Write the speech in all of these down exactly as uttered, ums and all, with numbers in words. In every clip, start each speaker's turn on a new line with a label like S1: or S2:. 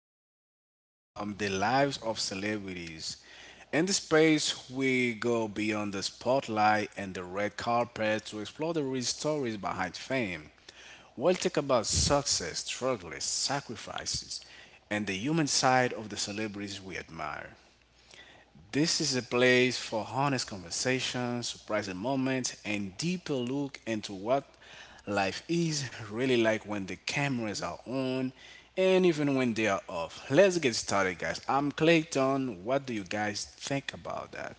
S1: podcast, um, The Lives of Celebrities. In this space, we go beyond the spotlight and the red carpet to explore the real stories behind fame. We'll talk about success, struggles, sacrifices, and the human side of the celebrities we admire. This is a place for honest conversation, surprising moments, and deeper look into what life is really like when the cameras are on and even when they are off. Let's get started, guys. I'm Clayton. What do you guys think about that?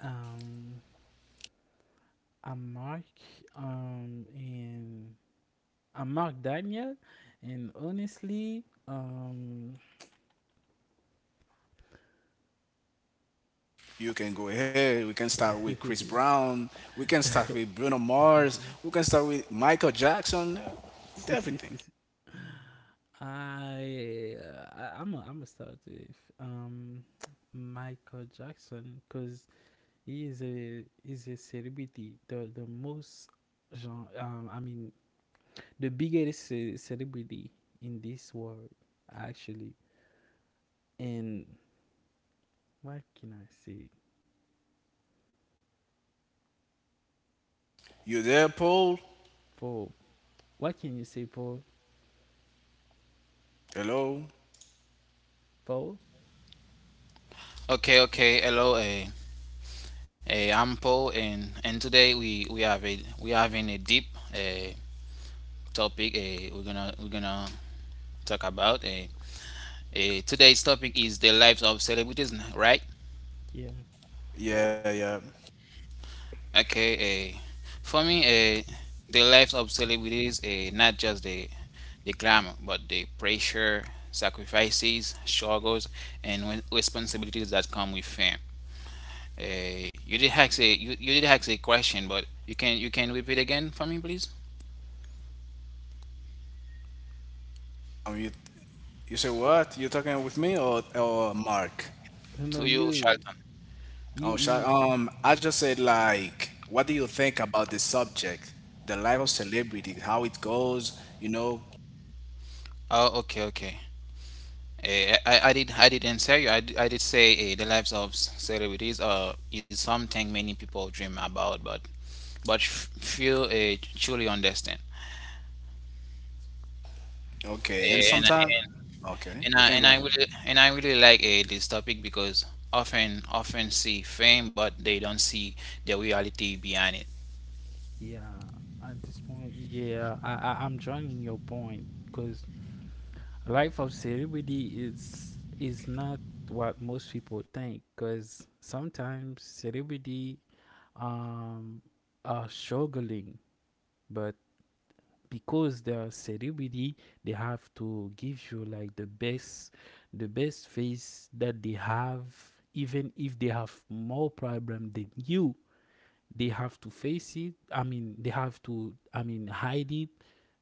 S2: Um, I'm Mark. Um, and I'm Mark Daniel. And honestly, um,
S1: You can go ahead. We can start with Chris Brown. We can start with Bruno Mars. We can start with Michael Jackson. With everything.
S2: I uh, I'm I am I gonna start with um Michael Jackson, because he is a is a celebrity, the the most genre, um I mean the biggest ce- celebrity in this world, actually. And what can I say
S1: You there, Paul?
S2: for What can you say for
S1: Hello?
S2: Fold?
S3: Okay, okay. Hello, uh, uh, I'm Paul, and and today we we have a we having a deep uh, topic. Uh, we're gonna we're gonna talk about. Uh, uh, today's topic is the lives of celebrities, right?
S2: Yeah.
S1: Yeah, yeah.
S3: Okay. Uh, for me, uh, the lives of celebrities, uh, not just the the glamour, but the pressure, sacrifices, struggles, and re- responsibilities that come with fame. Uh, you did ask a you, you did ask a question, but you can you can repeat again for me, please.
S1: I'm mute. You say what? You talking with me or or Mark?
S2: No,
S3: To
S2: no,
S3: you,
S2: you,
S3: Shelton.
S2: you,
S1: Oh, sha-
S2: you,
S1: um, I
S2: yeah,
S1: just said like, what do you think about this subject, the life of celebrity, how it goes? You know,
S3: Oh, okay, okay. Eh, I, I did I did answer you. I, d- I did say uh, the lives of s- celebrities uh, is something many people dream about, but but f- few uh, truly understand.
S1: okay. And
S3: Eh, and,
S1: sometimes,
S3: and
S1: okay,
S3: and
S1: you
S3: I
S1: can
S3: and
S1: go
S3: I
S1: ahead.
S3: really and I really like uh, this topic because often often see fame, but they don't see the reality behind it.
S2: yeah. At this point, yeah, I, I I'm joining your point, because life of celebrity is is not what most people think, because sometimes celebrity, um are struggling, but because they are celebrity, they have to give you like the best the best face that they have. Even if they have more problem than you, they have to face it. I mean, they have to, I mean, hide it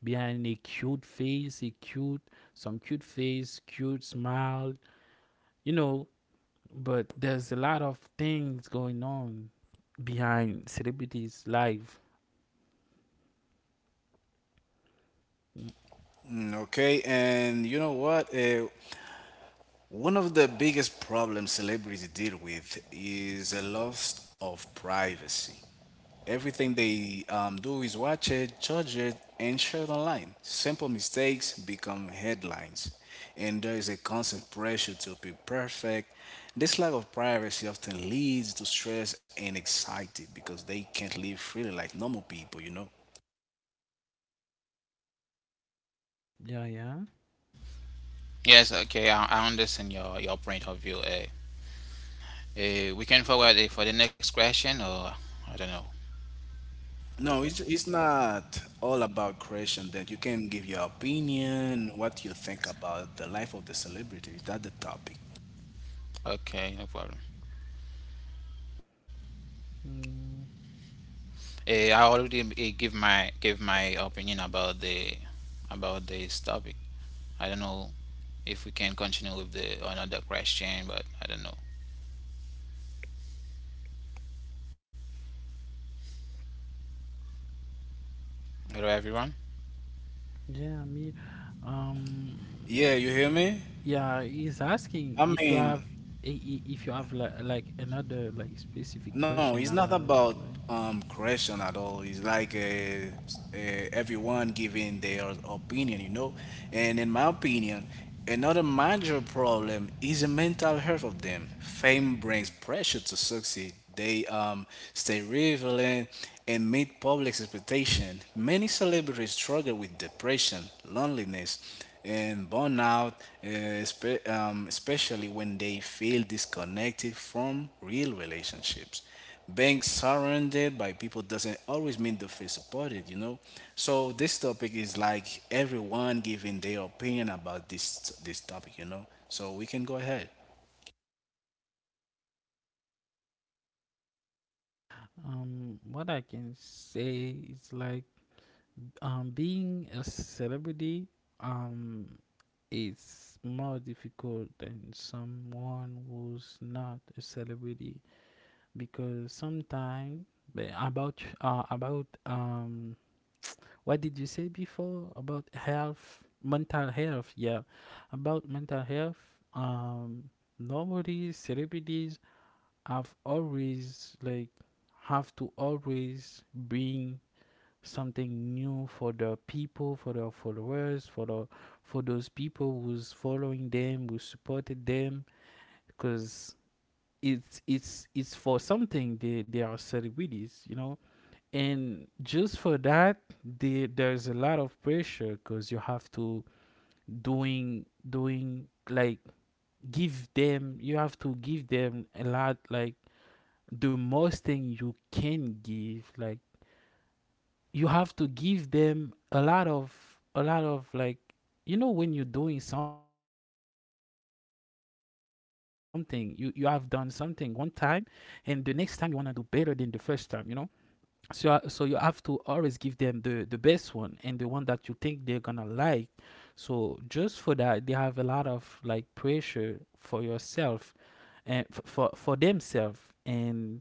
S2: behind a cute face, a cute, some cute face, cute smile, you know. But there's a lot of things going on behind celebrities' life. Mm.
S1: Mm, okay, and you know what? Uh, one of the biggest problems celebrities deal with is a loss of privacy. Everything they um, do is watch it, judge it, and share it online. Simple mistakes become headlines, and there is a constant pressure to be perfect. This lack of privacy often leads to stress and anxiety because they can't live freely like normal people, you know.
S2: Yeah, yeah.
S3: Yes, okay, I, I understand your your point of view. Uh, Uh, we can forward it for the next question, or I don't know.
S1: No, it's, it's not all about creation that you can give your opinion, what you think about the life of the celebrity. Is that the topic?
S3: Okay, no problem.
S2: Mm,
S3: Uh, I already uh, give my give my opinion about the about this topic. I don't know if we can continue with the another question, but I don't know. Hello, everyone.
S2: yeah. Me,
S1: Yeah,
S2: um,
S1: you hear me?
S2: yeah. He's asking
S1: I
S2: if you
S1: mean,
S2: have, i- i- if you have, like, like another, like, specific
S1: no,
S2: question
S1: it's not
S2: about it,
S1: about
S2: like.
S1: um correction at all. It's like uh, s- uh, everyone giving their opinion, you know. And in my opinion, another major problem is the mental health of them. Fame brings pressure to succeed. They um stay relevant and meet public expectation. Many celebrities struggle with depression, loneliness, and burnout, uh, spe- um, especially when they feel disconnected from real relationships being surrounded by people doesn't always mean they feel supported, you know. So this topic is like everyone giving their opinion about this this topic, you know. So we can go ahead.
S2: Um, what I can say is, like, um being a celebrity, um is more difficult than someone who's not a celebrity, because sometimes, about uh, about um what did you say before about health, mental health? Yeah, about mental health. Um normally celebrities, I've always, like, have to always bring something new for the people, for the followers, for the for those people who's following them, who supported them, because it's it's it's for something, they they are celebrities, you know. And just for that, they, there's a lot of pressure, because you have to, doing doing like, give them, you have to give them a lot, like the most thing you can give, like you have to give them a lot of, a lot of like, you know, when you're doing something, you you have done something one time, and the next time you want to do better than the first time, you know. So uh, so you have to always give them the the best one, and the one that you think they're gonna like. So just for that, they have a lot of, like, pressure for yourself, and f- for for themselves. and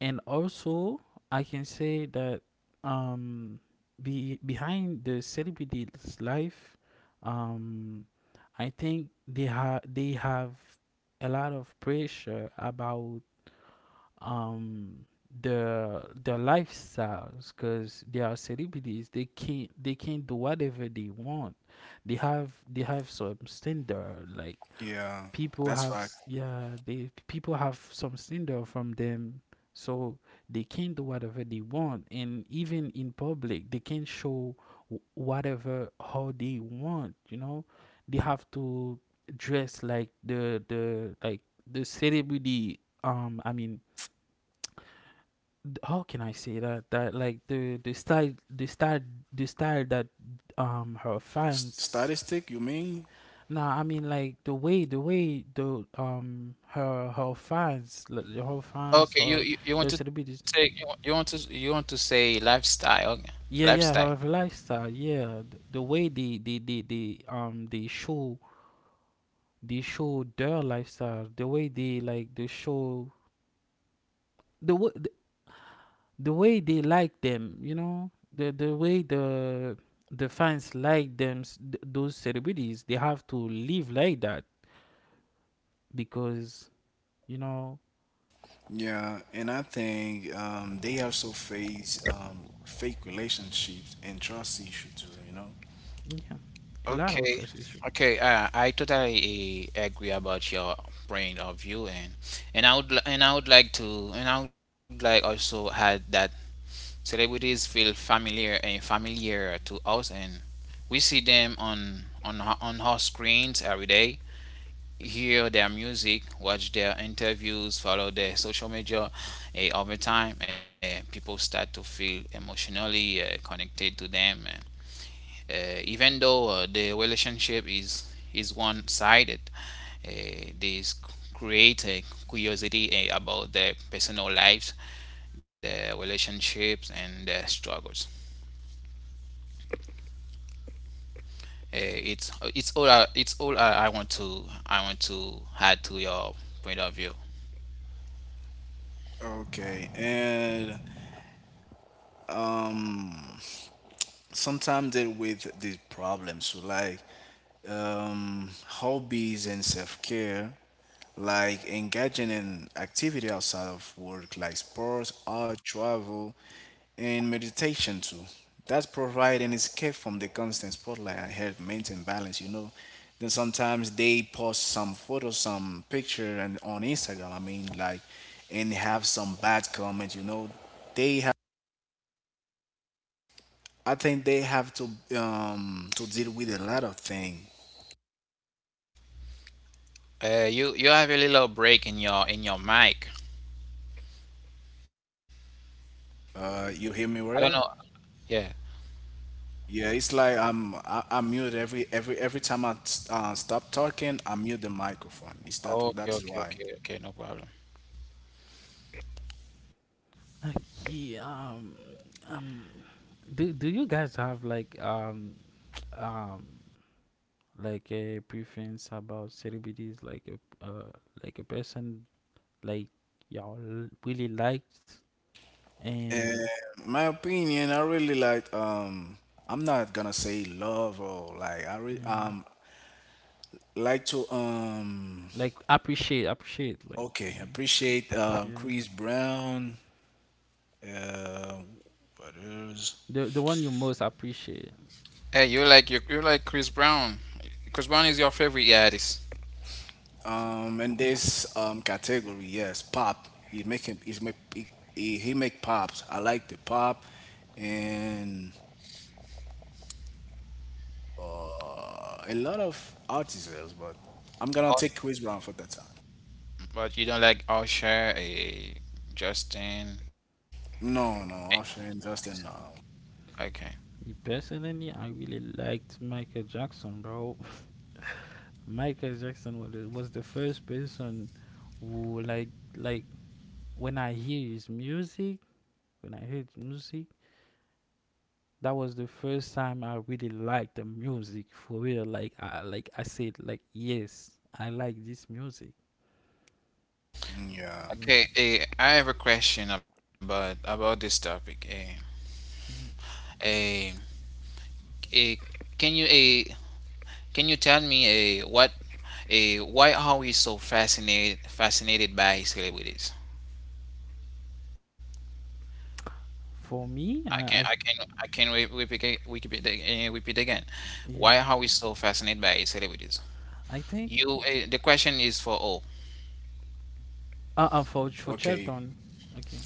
S2: and also, I can say that, um be behind the celebrity's life, um, I think they have they have a lot of pressure about, um the their lifestyles, because they are celebrities, they can't they can not do whatever they want. They have they have some standard, like
S1: Yeah,
S2: people
S1: that's
S2: have,
S1: fact.
S2: s- yeah, they people have some slander from them, so they can do whatever they want, and even in public they can show, wh- whatever, how they want, you know. They have to dress like the the like the celebrity, um I mean, th- how can I say that, that like the the style, the style the style that, um her
S1: S-
S2: fans.
S1: statistic, you mean?
S2: Nah, I mean, like the way the way the um her her fans, like, her fans
S3: Okay, you
S2: her,
S3: you, you want
S2: your
S3: to take, you,
S2: celebrities.
S3: want- you want to you want to say lifestyle, okay.
S2: Yeah,
S3: Lifestyle.
S2: yeah, her lifestyle, yeah, the, the way they they, they they um they show, they show their lifestyle, the way they like, they show the way, the, the way they like them, you know, the the way the the fans like them. S- th- those celebrities, they have to live like that, because you know.
S1: Yeah, and I think um, they also face um, fake relationships and trust issue too, you know?
S2: Yeah. A lot of
S3: Okay,
S2: trust issues.
S3: okay. Uh, I totally uh, agree about your point of view, and and I would li- and I would like to, and I would like also add that celebrities feel familiar and familiar to us, and we see them on on our- on our screens every day. Hear their music, watch their interviews, follow their social media. Eh, over time, eh, people start to feel emotionally eh, connected to them, eh. Eh, even though uh, the relationship is is one-sided. Eh, this create a curiosity eh, about their personal lives, their relationships, and their struggles. Eh, it's it's all I, it's all I, I want to I want to add to your point of view.
S1: Okay, and sometimes deal with these problems so like um, hobbies and self-care, like engaging in activity outside of work like sports, art, travel, and meditation too, that provide an escape from the constant spotlight and help maintain balance, you know. Then sometimes they post some photos, some picture, and on Instagram, I mean like, and have some bad comment, you know. They, I think they have to um to deal with a lot of thing.
S3: Uh, you you have a little break in your in your mic.
S1: Uh, you
S3: I
S1: hear
S3: don't
S1: me
S3: know.
S1: well?
S3: Yeah.
S1: Yeah, it's like I'm I, I mute every every every time I uh, stop talking, I mute the microphone. It's that
S3: Okay.
S1: that is
S3: Okay.
S1: why.
S3: Okay. Okay. No problem.
S2: Okay. um, um, do do you guys have, like, um, um, like a preference about celebrities, like a uh, like a person, like y'all l- really liked,
S1: And
S2: and,
S1: my opinion, I really like um I'm not gonna say love or like I re
S2: yeah,
S1: um like to um
S2: like appreciate appreciate, like,
S1: okay,
S2: you know,
S1: appreciate uh,
S2: yeah,
S1: Chris Brown. Uh, what else?
S2: the the one you most appreciate.
S3: Hey, you like you you like Chris Brown. Chris Brown is your favorite artist.
S1: Um, in this um category, yes, pop. He make him. He's make. He, he he make pops. I like the pop, and uh, a lot of artists, but I'm gonna
S3: Oh,
S1: take Chris Brown for that time.
S3: but you don't like Usher, eh, Justin. eh,
S1: No, no, Usher and Justin. No.
S3: Okay.
S2: Me personally, I really liked Michael Jackson, bro. Michael Jackson was the, was the first person who, like, like when I hear his music, when I heard music, that was the first time I really liked the music, for real. Like, I like I said, like, yes, I like this music.
S1: Mm, yeah.
S2: Yeah.
S3: Okay. eh, I have a question about about this topic. eh.
S2: Mhm.
S3: Eh, eh, can you, eh, Can you tell me uh, what uh, why are we so fascinated fascinated by celebrities?
S2: For
S3: I
S2: me,
S3: can I
S2: I,
S3: can
S2: I
S3: I can re- repeat it- repeat it- uh, repeat again. Why are we
S2: yeah,
S3: so fascinated by celebrities?
S2: I think,
S3: You, uh, the question is for all.
S2: uh, uh for for
S1: Okay.
S2: Chelton, okay.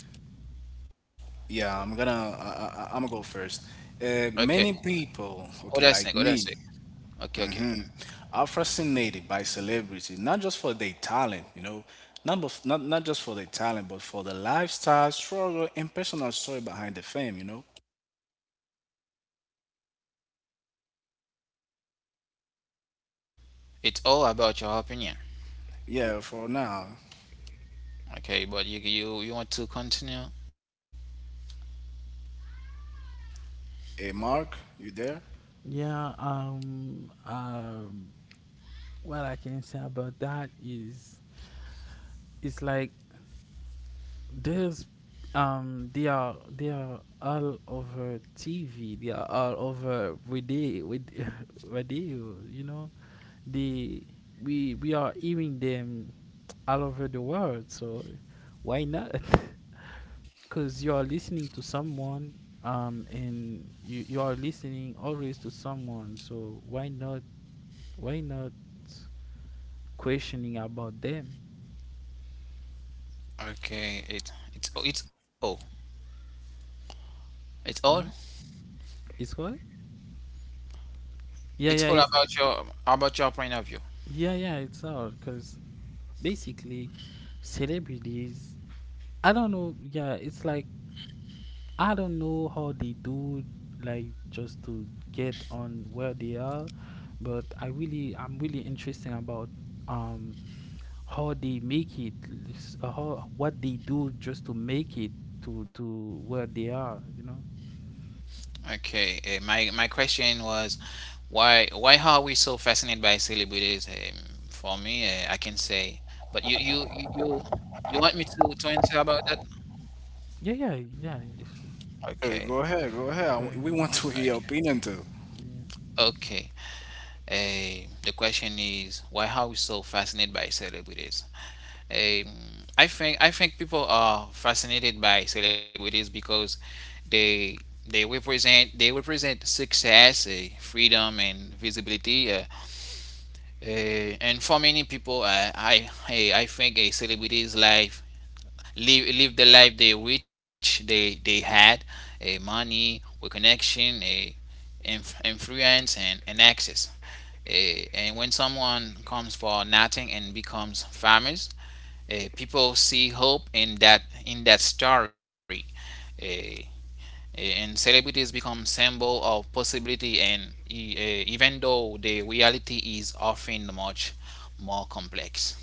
S1: Yeah, I'm gonna. I, I, I'm gonna go first. Uh,
S3: Okay.
S1: many people.
S3: Oh, that's
S1: Okay,
S3: it. Oh,
S1: like
S3: that's it.
S1: me.
S3: Okay, okay.
S1: Hmm, are fascinated by celebrity, not just for their talent, you know, not, bef- not not just for their talent, but for the lifestyle, struggle, and personal story behind the fame, you know.
S3: It's all about your opinion.
S1: Yeah, for now,
S3: Okay, but you you you want to continue?
S1: hey Mark, you there?
S2: Yeah. Um. Um. What I can say about that is, it's like, there's, um they are they are all over T V. They are all over radio, with radio. You know, they we we are hearing them all over the world. So why not? Because you are listening to someone, um and you you are listening always to someone. So why not why not questioning about them?
S3: Okay. It it's it's all. It's all.
S2: Mm? It's what? Yeah, yeah.
S3: It's all
S2: It's
S3: about your about your point of view.
S2: yeah, yeah. It's all because, basically, celebrities, I don't know yeah, it's like, I don't know how they do, like, just to get on where they are, but, i really I'm really interested about, um how they make it, s- uh, how what they do just to make it to to where they are, you know.
S3: Okay, uh, my my question was, why why are we so fascinated by celebrities? Um, for me, uh, I can say, but you you you you you want me to to answer about that?
S2: Yeah, yeah, yeah, it's
S1: Hey,
S3: Okay,
S1: go ahead, go ahead. I w- We
S2: good.
S1: want to hear your
S3: okay,
S1: opinion too.
S3: okay. Uh, the question is why are we so fascinated by celebrities? Um, I think I think people are fascinated by celebrities because they they represent they represent success, uh, freedom, and visibility. Uh, Uh, and for many people, I, I, I I think a celebrity's life live live the life they wish they they had, a, uh, money, a connection, a inf- influence, and, and access. Eh, and when someone comes for nothing and becomes famous, eh, people see hope in that in that story. Eh, eh, and celebrities become symbol of possibility, and e- eh, even though the reality is often much more complex.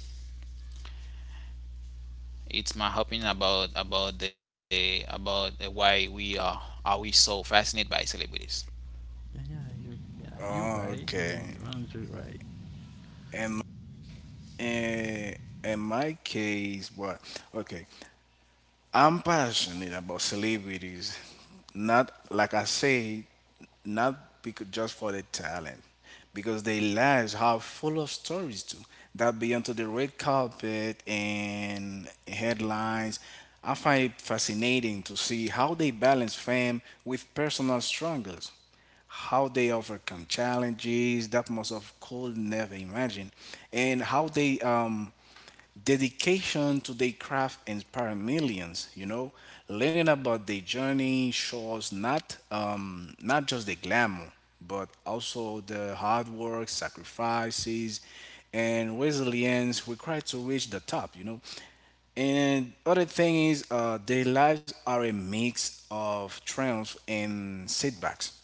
S3: It's my opinion about about the about the why we are are we so fascinated by celebrities.
S2: Yeah, yeah, you, yeah, you're
S1: Oh,
S2: right. You,
S1: okay.
S2: you're one hundred right.
S1: And in, in my case, what? Okay, I'm passionate about celebrities. Not like I say, not because just for the talent, because their lives are full of stories too. That beyond to the red carpet and headlines, I find it fascinating to see how they balance fame with personal struggles, how they overcome challenges that most of could never imagine, and how they um dedication to their craft inspire millions, you know. Learning about their journey shows, not um, not just the glamour, but also the hard work, sacrifices, and resilience required to reach the top, you know. And other thing is uh, their lives are a mix of triumph and setbacks,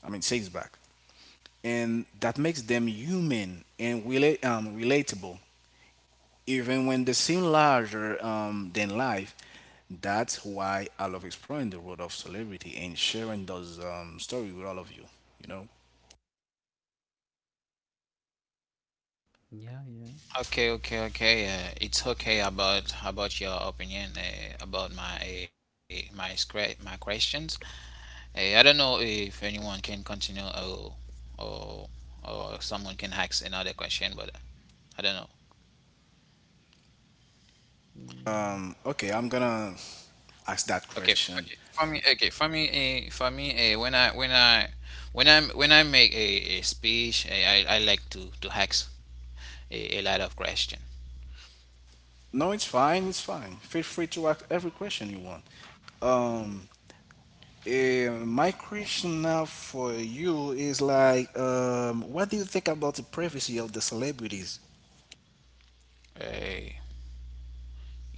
S1: i mean setbacks, and that makes them human and rela- um, relatable even when they seem larger um, than life. That's why I love exploring the world of celebrity and sharing those um, stories with all of you. You know.
S2: Yeah, yeah.
S3: Okay, okay, okay. Uh, it's okay about about your opinion, uh, about my uh, my scra- my questions. Uh, I don't know if anyone can continue, or or or someone can ask another question, but I don't know.
S1: Um, okay, I'm gonna ask
S3: Okay,
S1: that
S3: f- okay.
S1: question.
S3: For me, okay. For me, uh, for me, uh, when I, when I when I when I make a, a speech, uh, I I like to to ask a, a lot of question.
S1: No, it's fine. It's fine. Feel free to ask every question you want. Um, eh, my question now for you is like, um, what do you think about the privacy of the celebrities?
S3: Uh,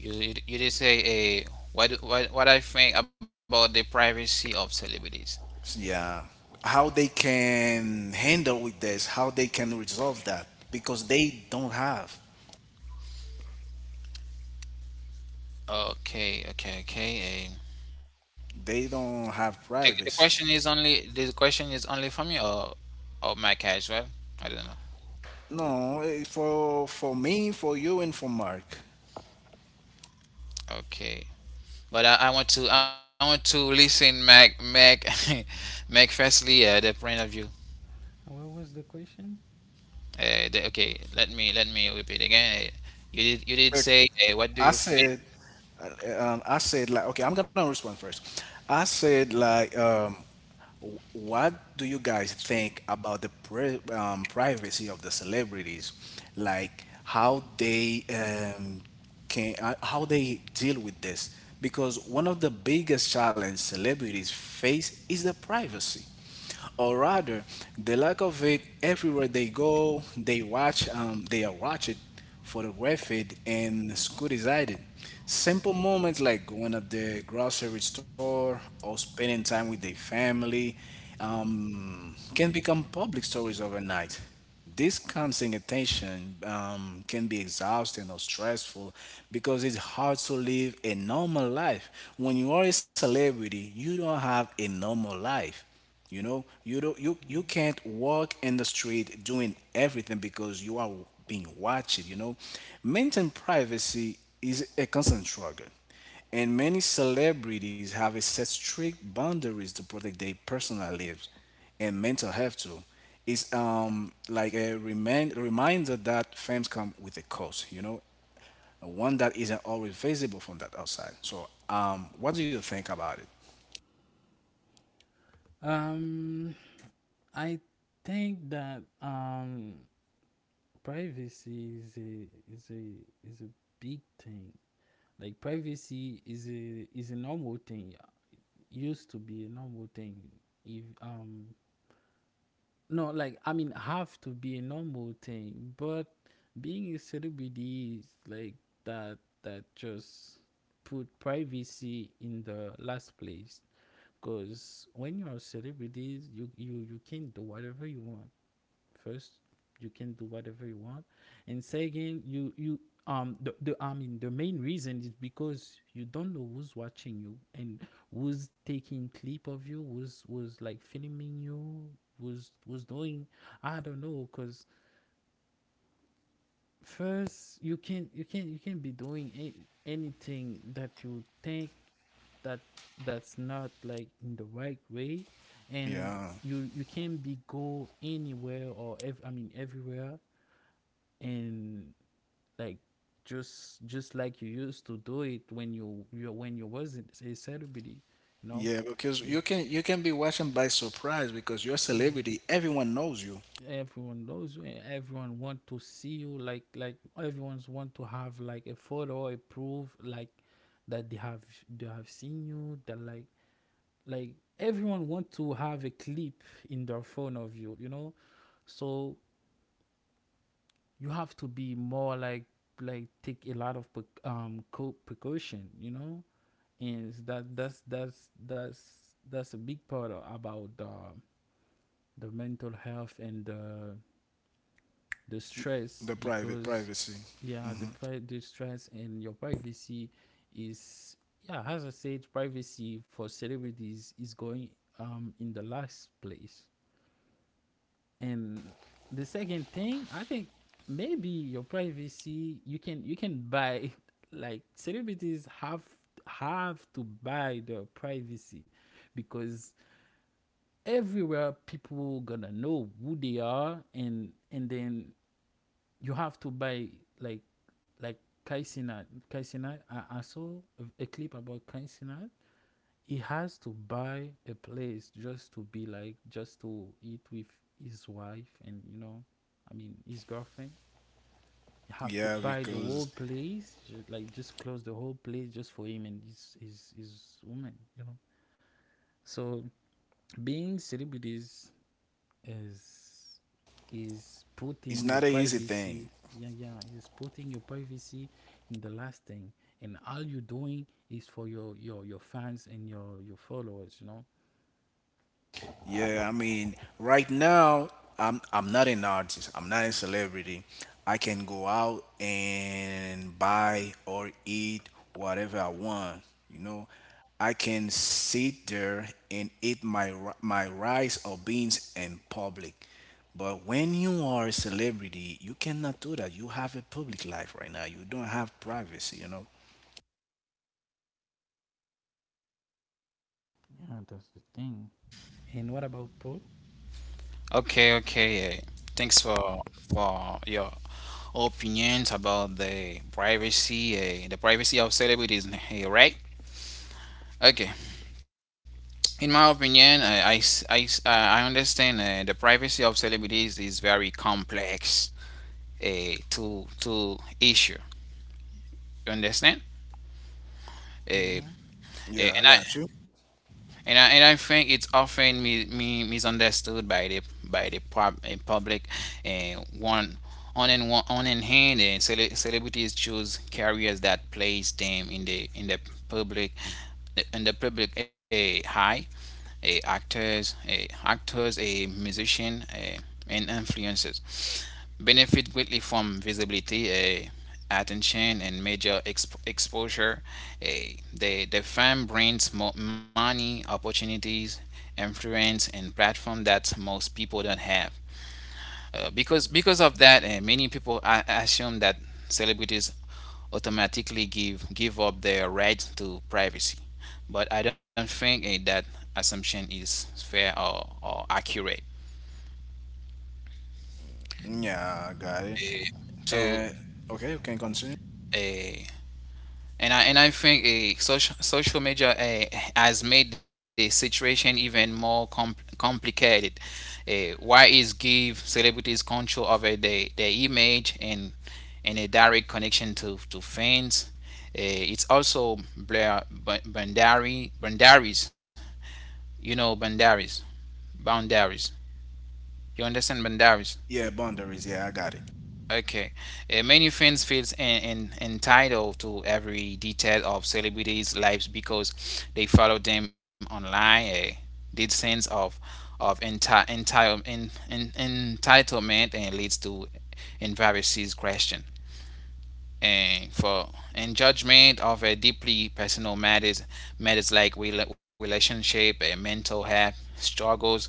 S3: you, you you did say a uh, what, what what I think about the privacy of celebrities.
S1: Yeah. How they can handle with this, how they can resolve that because they don't have
S3: Okay, okay, okay. Um,
S1: they don't have
S3: the, the
S1: privacy.
S3: question is only, the question is only for me or or Mac as well. I don't know.
S1: No, eh, for for me, for you and for Mark.
S3: Okay, but I, I want to I want to listen Mac, Mac Mac firstly, uh, the point of view.
S2: What was the question?
S3: Uh, the, okay, let me let me repeat again. Uh, you did you did
S1: Look,
S3: say uh, what do
S1: I
S3: you think?
S1: said uh, um, I said like, okay, I'm gonna respond first. I said like um wh- what do you guys think about the pri um, privacy of the celebrities? Like how they um, can uh, how they deal with this, because one of the biggest challenge celebrities face is the privacy, or rather the lack of it. Everywhere they go, they watch, um, they are watched, photographed, and scrutinized. Simple moments like going at the grocery store or spending time with their family um, can become public stories overnight. This constant attention um, can be exhausting or stressful, because it's hard to live a normal life. When you are a celebrity, you don't have a normal life. You know, you don't you you
S2: Mhm.
S1: can't walk in the street doing everything because you are being watched. You know, maintain privacy is a constant struggle, and many celebrities have a set strict boundaries to protect their personal lives and mental health too. It's um like a remind, reminder that fame come with a cost, you know, one that isn't always visible from that outside. So um, what do you think about it?
S2: um I think that, um, privacy is a is a is a big thing. Like, privacy is a is a normal thing. Used to be a normal thing. If um No, like, I mean, have to be a normal thing. But being a celebrity is like that. That just put privacy in the last place. Because when you're a celebrity, you you you can do whatever you want. First, you can do whatever you want, and second, you you um the, the I mean, the main reason is because you don't know who's watching you, and who's taking clip of you, who's who's like filming you, who's who's doing. I don't know, because, first, you can you can you can be doing, a- anything that you think, that that's not, like, in the right way, and
S1: Yeah.
S2: you you can be go anywhere, or ev- I mean, everywhere, and, like, just just like you used to do it when you you when you wasn't a celebrity, you know.
S1: Yeah, because you
S2: Yeah,
S1: can you can be watching by surprise because you're a
S2: yeah.
S1: celebrity. Everyone knows you.
S2: Everyone knows you, and everyone want to see you. Like like everyone's want to have, like, a photo, a proof, like, that they have they have seen you. That, like, like everyone want to have a clip in their phone of you. You know, so you have to be more, like, like take a lot of, um co- precaution. You know, and that that's that's that's that's a big part, a- about the uh, the mental health and the the stress,
S1: The private
S2: because,
S1: privacy.
S2: yeah, the pri- the stress and your privacy is, yeah, as I said, privacy for celebrities is going, um in the last place. And the second thing, I think, maybe your privacy you can, you can buy. Like celebrities have, have to buy their privacy, because everywhere people gonna know who they are, and and then you have to buy, like, like Kai Sinat. Kai Sinat, I, I saw a- clip about Kai Sinat. He has to buy a place, just to be, like, just to eat with his wife, and, you know, I mean, his girlfriend. You have to
S1: Yeah,
S2: buy the whole
S1: because
S2: place, ju- like, just close the whole place just for him and his his, his woman, you know. So being celebrities is is
S1: it's
S2: putting your
S1: not an easy
S2: privacy,
S1: thing.
S2: yeah, yeah, is putting your privacy in the last thing, and all you're doing is for your your your fans and your your followers, you know.
S1: Yeah, I mean, right now I'm I'm not an artist. I'm not a celebrity. I can go out and buy or eat whatever I want, you know. I can sit there and eat my ri- my rice or beans in public. But when you are a celebrity, you cannot do that. You have a public life right now. You don't have privacy, you know.
S2: Yeah, that's the thing. And what about Paul?
S3: Okay, okay. Uh, thanks for for your opinions about the privacy, uh, the privacy of celebrities, eh, right? Okay. In my opinion, uh, I I, uh, I understand uh, the privacy of celebrities is very complex, uh, to to issue. You understand?
S2: Mm-hmm.
S3: Uh,
S1: Yeah, I got
S3: and
S1: you.
S3: I and I and I think it's often mi- mi- misunderstood by the by the pub, eh, public. Uh, one, on and one, on and hand, and cele- celebrities choose careers that place them in the in the public in the public a high, a actors a actors, a musician, a, and influencers benefit greatly from visibility, a attention, and major exp- exposure, a, the the firm brings more money opportunities, influence, and platform that most people don't have. Uh, because because of that, uh, many people a- assume that celebrities automatically give give up their right to privacy. But I don't think eh, that assumption is fair, or, or accurate.
S1: Yeah, I got it.
S3: Eh,
S1: And
S3: to
S1: okay, you can continue.
S3: a and I, and I think a social social media eh, has made the situation even more com- complicated. Eh, why is give celebrities control over their, their image, and and a direct connection to to fans? Eh, it's also blur, boundary, boundaries. You know boundaries. Boundaries. You understand boundaries?
S1: Yeah, boundaries. Yeah, I got it.
S3: Okay. Uh, many fans feels in en- entitled to every detail of celebrities' lives because they follow them online. Uh, this sense of of enti- enti- en- en- entitlement and leads to embarrassing question, and for and judgment of a deeply personal matters matters like rela- relationship and mental health struggles,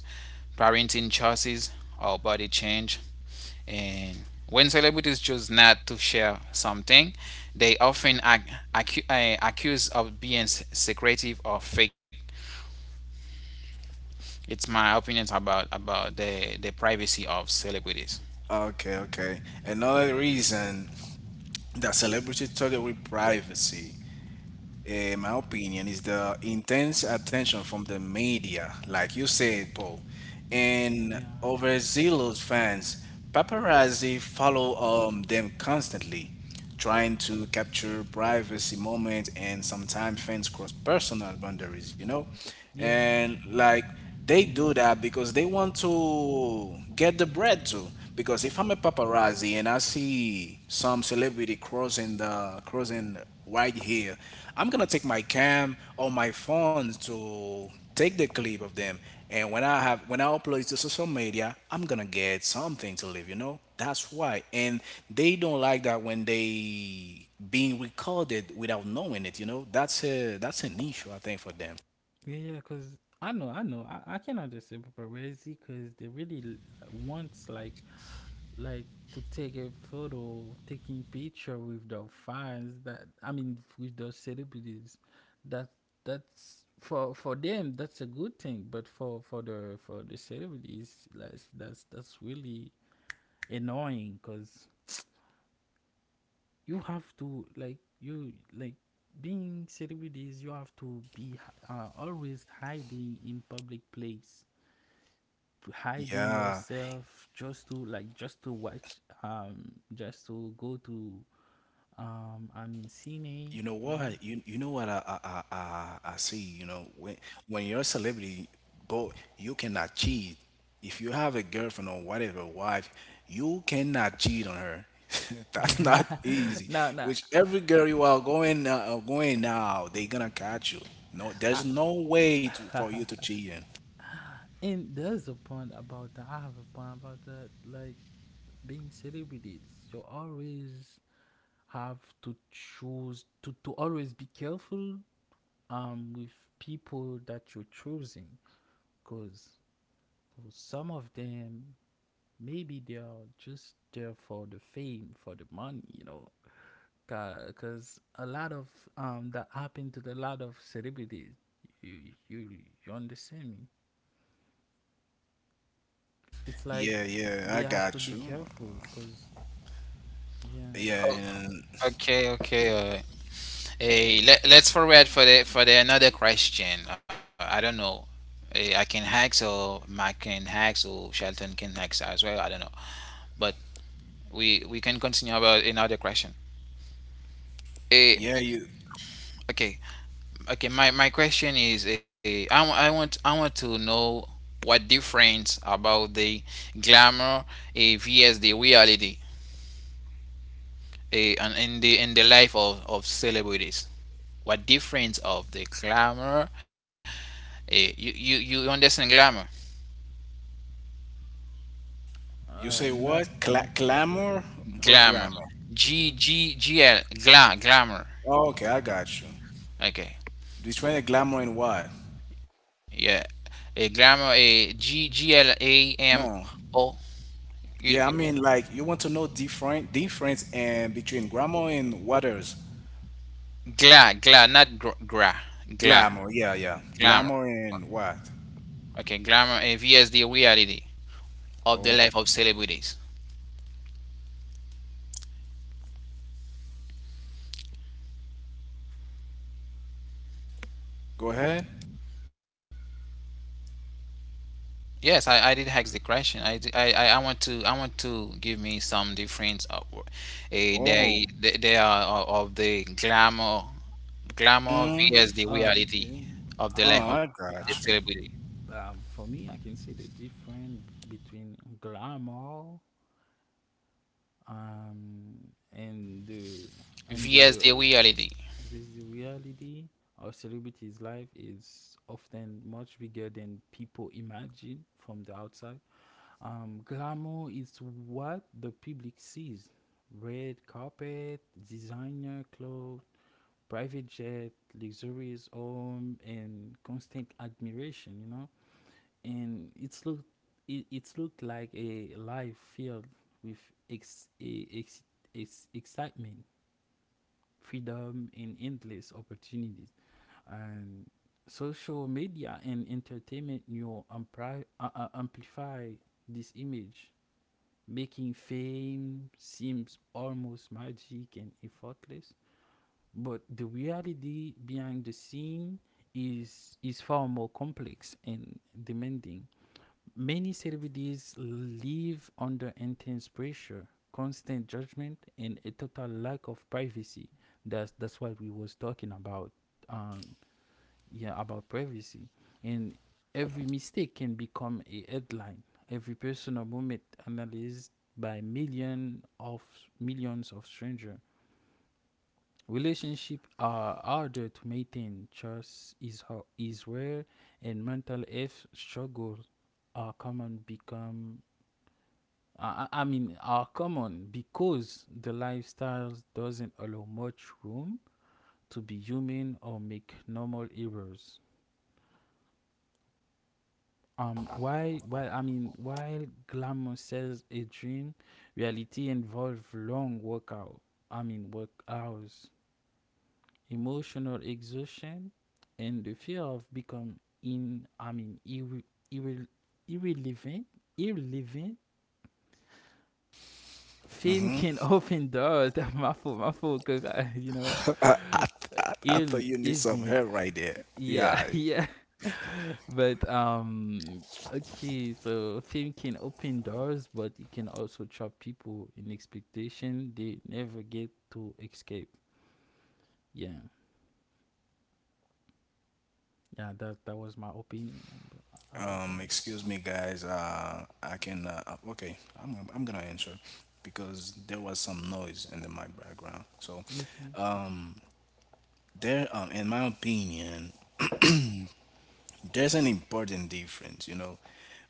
S3: parenting choices, or body change, and when celebrities choose not to share something, they often ac- acu- uh, accused of being s- secretive or fake. It's my opinions about about the the privacy of celebrities.
S1: Okay, okay. Another reason that celebrities struggle with privacy, eh, in my opinion, is the intense attention from the media, like you said, Paul, and
S2: Yeah,
S1: overzealous fans. Paparazzi follow um, them constantly, trying to capture privacy moments, and sometimes fans cross personal boundaries, you know?
S2: yeah, yeah,
S1: And
S2: yeah.
S1: like, they
S2: And,
S1: do that because they want to get the bread too. Because if I'm a paparazzi and I see some celebrity crossing the crossing right here, I'm gonna take my cam or my phone to take the clip of them. And when I have when I upload it to social media, I'm gonna get something to live. You know, that's why. And they don't like that when they being recorded without knowing it. You know, that's a that's an issue I think for them.
S2: yeah, yeah, because I know, I know, I, I cannot just say paparazzi, because they really l- wants, like, like to take a photo, taking picture with the fans, that I mean, with the celebrities. That that's for for them, that's a good thing, but for for the for the celebrities, like, that's that's really annoying, because you have to, like, you, like, being celebrities, you have to be, uh, always hiding in public place, to hiding
S1: Yeah,
S2: yourself just to, like, just to watch, um, just to go to, um, I mean, cine.
S1: you know
S2: You
S1: what? You you know what I I, I I I see. You know when when you're a celebrity, but you cannot cheat. If you have a girlfriend or whatever wife, you cannot cheat on her. That's
S2: know.
S1: not easy.
S2: No, no.
S1: Which every girl you are going uh, uh, going now, they gonna catch you. No,
S2: I,
S1: there's no way to for you to cheat. In.
S2: and there's a point about that. I have a point about that. Like, being celebrities, you always have to choose, to, to always be careful, um with people that you're choosing, because some of them, maybe they are just there for the fame, for the money, you know, because a lot of, um that happened to a lot of celebrities. you you you understand me, it's like
S1: Yeah, yeah,
S2: they
S1: I
S2: have to
S1: got
S2: be
S1: you.
S2: careful, because, yeah.
S1: Yeah,
S3: Oh,
S1: and
S3: okay okay. uh, Hey, let, let's forward for the for the another question. Uh, I don't know. Eh, I can hacks, or Mac can hacks, or Shelton can hacks as well. I don't know. But we we can continue about another question.
S1: yeah,
S3: Eh,
S1: you
S3: okay, okay. My, my question is, eh, I, wa- I want, I want to know what difference about the glamour, eh, vs the reality, eh, and in the in the life of, of celebrities. What difference of the glamour? Eh, you, you you understand glamour?
S1: you
S2: Uh
S1: say
S2: not,
S1: what?
S2: not,
S1: Cla- clamor or
S2: uh,
S3: Glamour.
S1: grammar?
S3: G G G L gla glamour.
S1: Okay, I got you.
S3: Okay.
S1: Between the glamour and what?
S3: Yeah. A glamour, a G G L A M
S1: No.
S3: O.
S1: Yeah, I
S3: You-
S1: mean,
S3: you-
S1: like you want to know different difference and between glamour and waters.
S3: gla gla Not, gr- gra gla
S1: Glamour. Yeah, yeah.
S3: glamour.
S1: Glamour and what?
S3: Okay, glamour, a V S D reality of the
S1: Oh,
S3: life of celebrities.
S1: go ahead.
S3: Yes, I, I did ask the question. I, d- I- I- I want to I want to give me some difference. Of, uh, eh,
S1: Oh.
S3: they they they are of of the glamour glamour
S1: Mm.
S3: V S the
S2: uh
S3: reality
S2: okay,
S3: of the
S2: uh,
S3: life
S1: Oh,
S3: of
S1: I
S3: the
S2: uh,
S1: got you.
S3: celebrity.
S2: um for me, I can say the difference between glamour, um, and the and
S3: Vs
S2: the
S3: the reality.
S2: this the reality of celebrities' life is often much bigger than people imagine from the outside. Um, glamour is what the public sees: red carpet, designer clothes, private jet, luxurious home, and constant admiration. You know, and it's look it, it's looked like a life filled with ex, e- ex, ex, excitement, freedom, and endless opportunities. And social media and entertainment new ampli- uh, uh, amplify this image, making fame seems almost magic and effortless. But the reality behind the scene is is far more complex and demanding. Many celebrities live under intense pressure, constant judgment, and a total lack of privacy. That's that's what we was talking about. Um, yeah, about privacy, and every mistake can become a headline. Every personal moment analyzed by million of millions of strangers. Relationships are harder to maintain. Trust is how is rare, and mental health struggles are common. Become I, I mean, are common because the lifestyle doesn't allow much room to be human or make normal errors. Um, why? Why? I mean, while glamour sells a dream, reality involves long workout. I mean, work hours, emotional exhaustion, and the fear of become in. I mean, irre, irre, irrelevant, irrelevant. Fame
S1: Hmm.
S2: can often do my fault, my fault, because you know
S1: I, I, I, I thought
S2: il
S1: you need some
S2: ilmet.
S1: hair right there.
S2: Yeah
S1: Yeah.
S2: yeah, but um okay, so fame can open doors, but it can also trap people in expectation they never get to escape. Yeah. Yeah, that that was my opinion ab- about
S1: Um,
S2: that.
S1: excuse me, guys. Uh, I can. Uh, uh, okay, I'm I'm gonna answer because there was some noise in the mic background. So,
S2: Okay.
S1: um. there um in my opinion, there's an important difference, you know,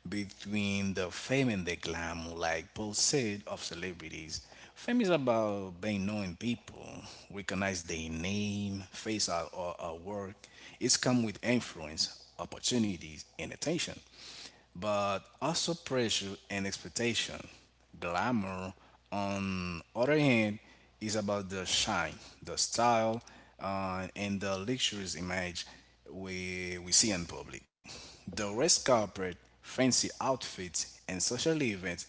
S1: between the fame and the glamour, like Paul said, of celebrities. Fame is about being known. People recognize their name, face, our, our, our work. It's come with influence, opportunities, and attention, but also pressure and expectation. Glamour, on other hand, is about the shine, the style, uh, and the luxurious image we, we see in public. The red carpet, fancy outfits, and social events,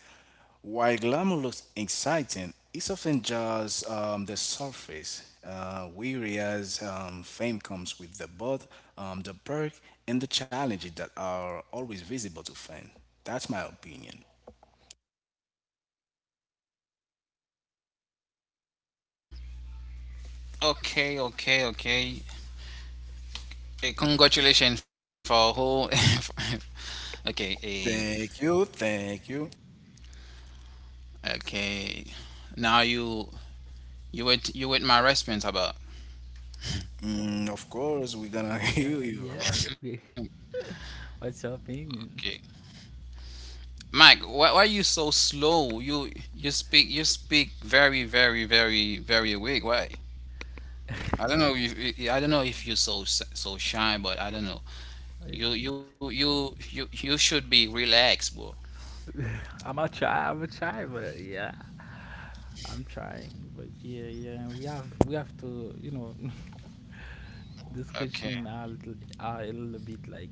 S1: while glamour looks exciting, it's often just um, the surface. Uh, weary as um, fame comes with the both um, the perk and the challenges that are always visible to fans. That's my opinion.
S3: Okay, okay, okay. Eh, congratulations for who. Okay, eh,
S1: Thank you, thank you.
S3: okay. Now you you wait, you wait my response about.
S1: Mm, of course, we're gonna hear
S2: Yeah,
S1: you
S2: yeah.
S1: about it.
S2: We- what's your
S3: Okay,
S2: opinion?
S3: Mike, why, why are you so slow? You you speak you speak very very very very weak. Why? I don't know. If, I don't know if you're so s- so shy, but I don't know.
S2: I,
S3: You you you you you should be relaxed, bro.
S2: i'm a try i'm a try, but yeah, i'm trying, but yeah, yeah, we have we have to you know Discussion
S3: Okay.
S2: are, a little- are a little bit like.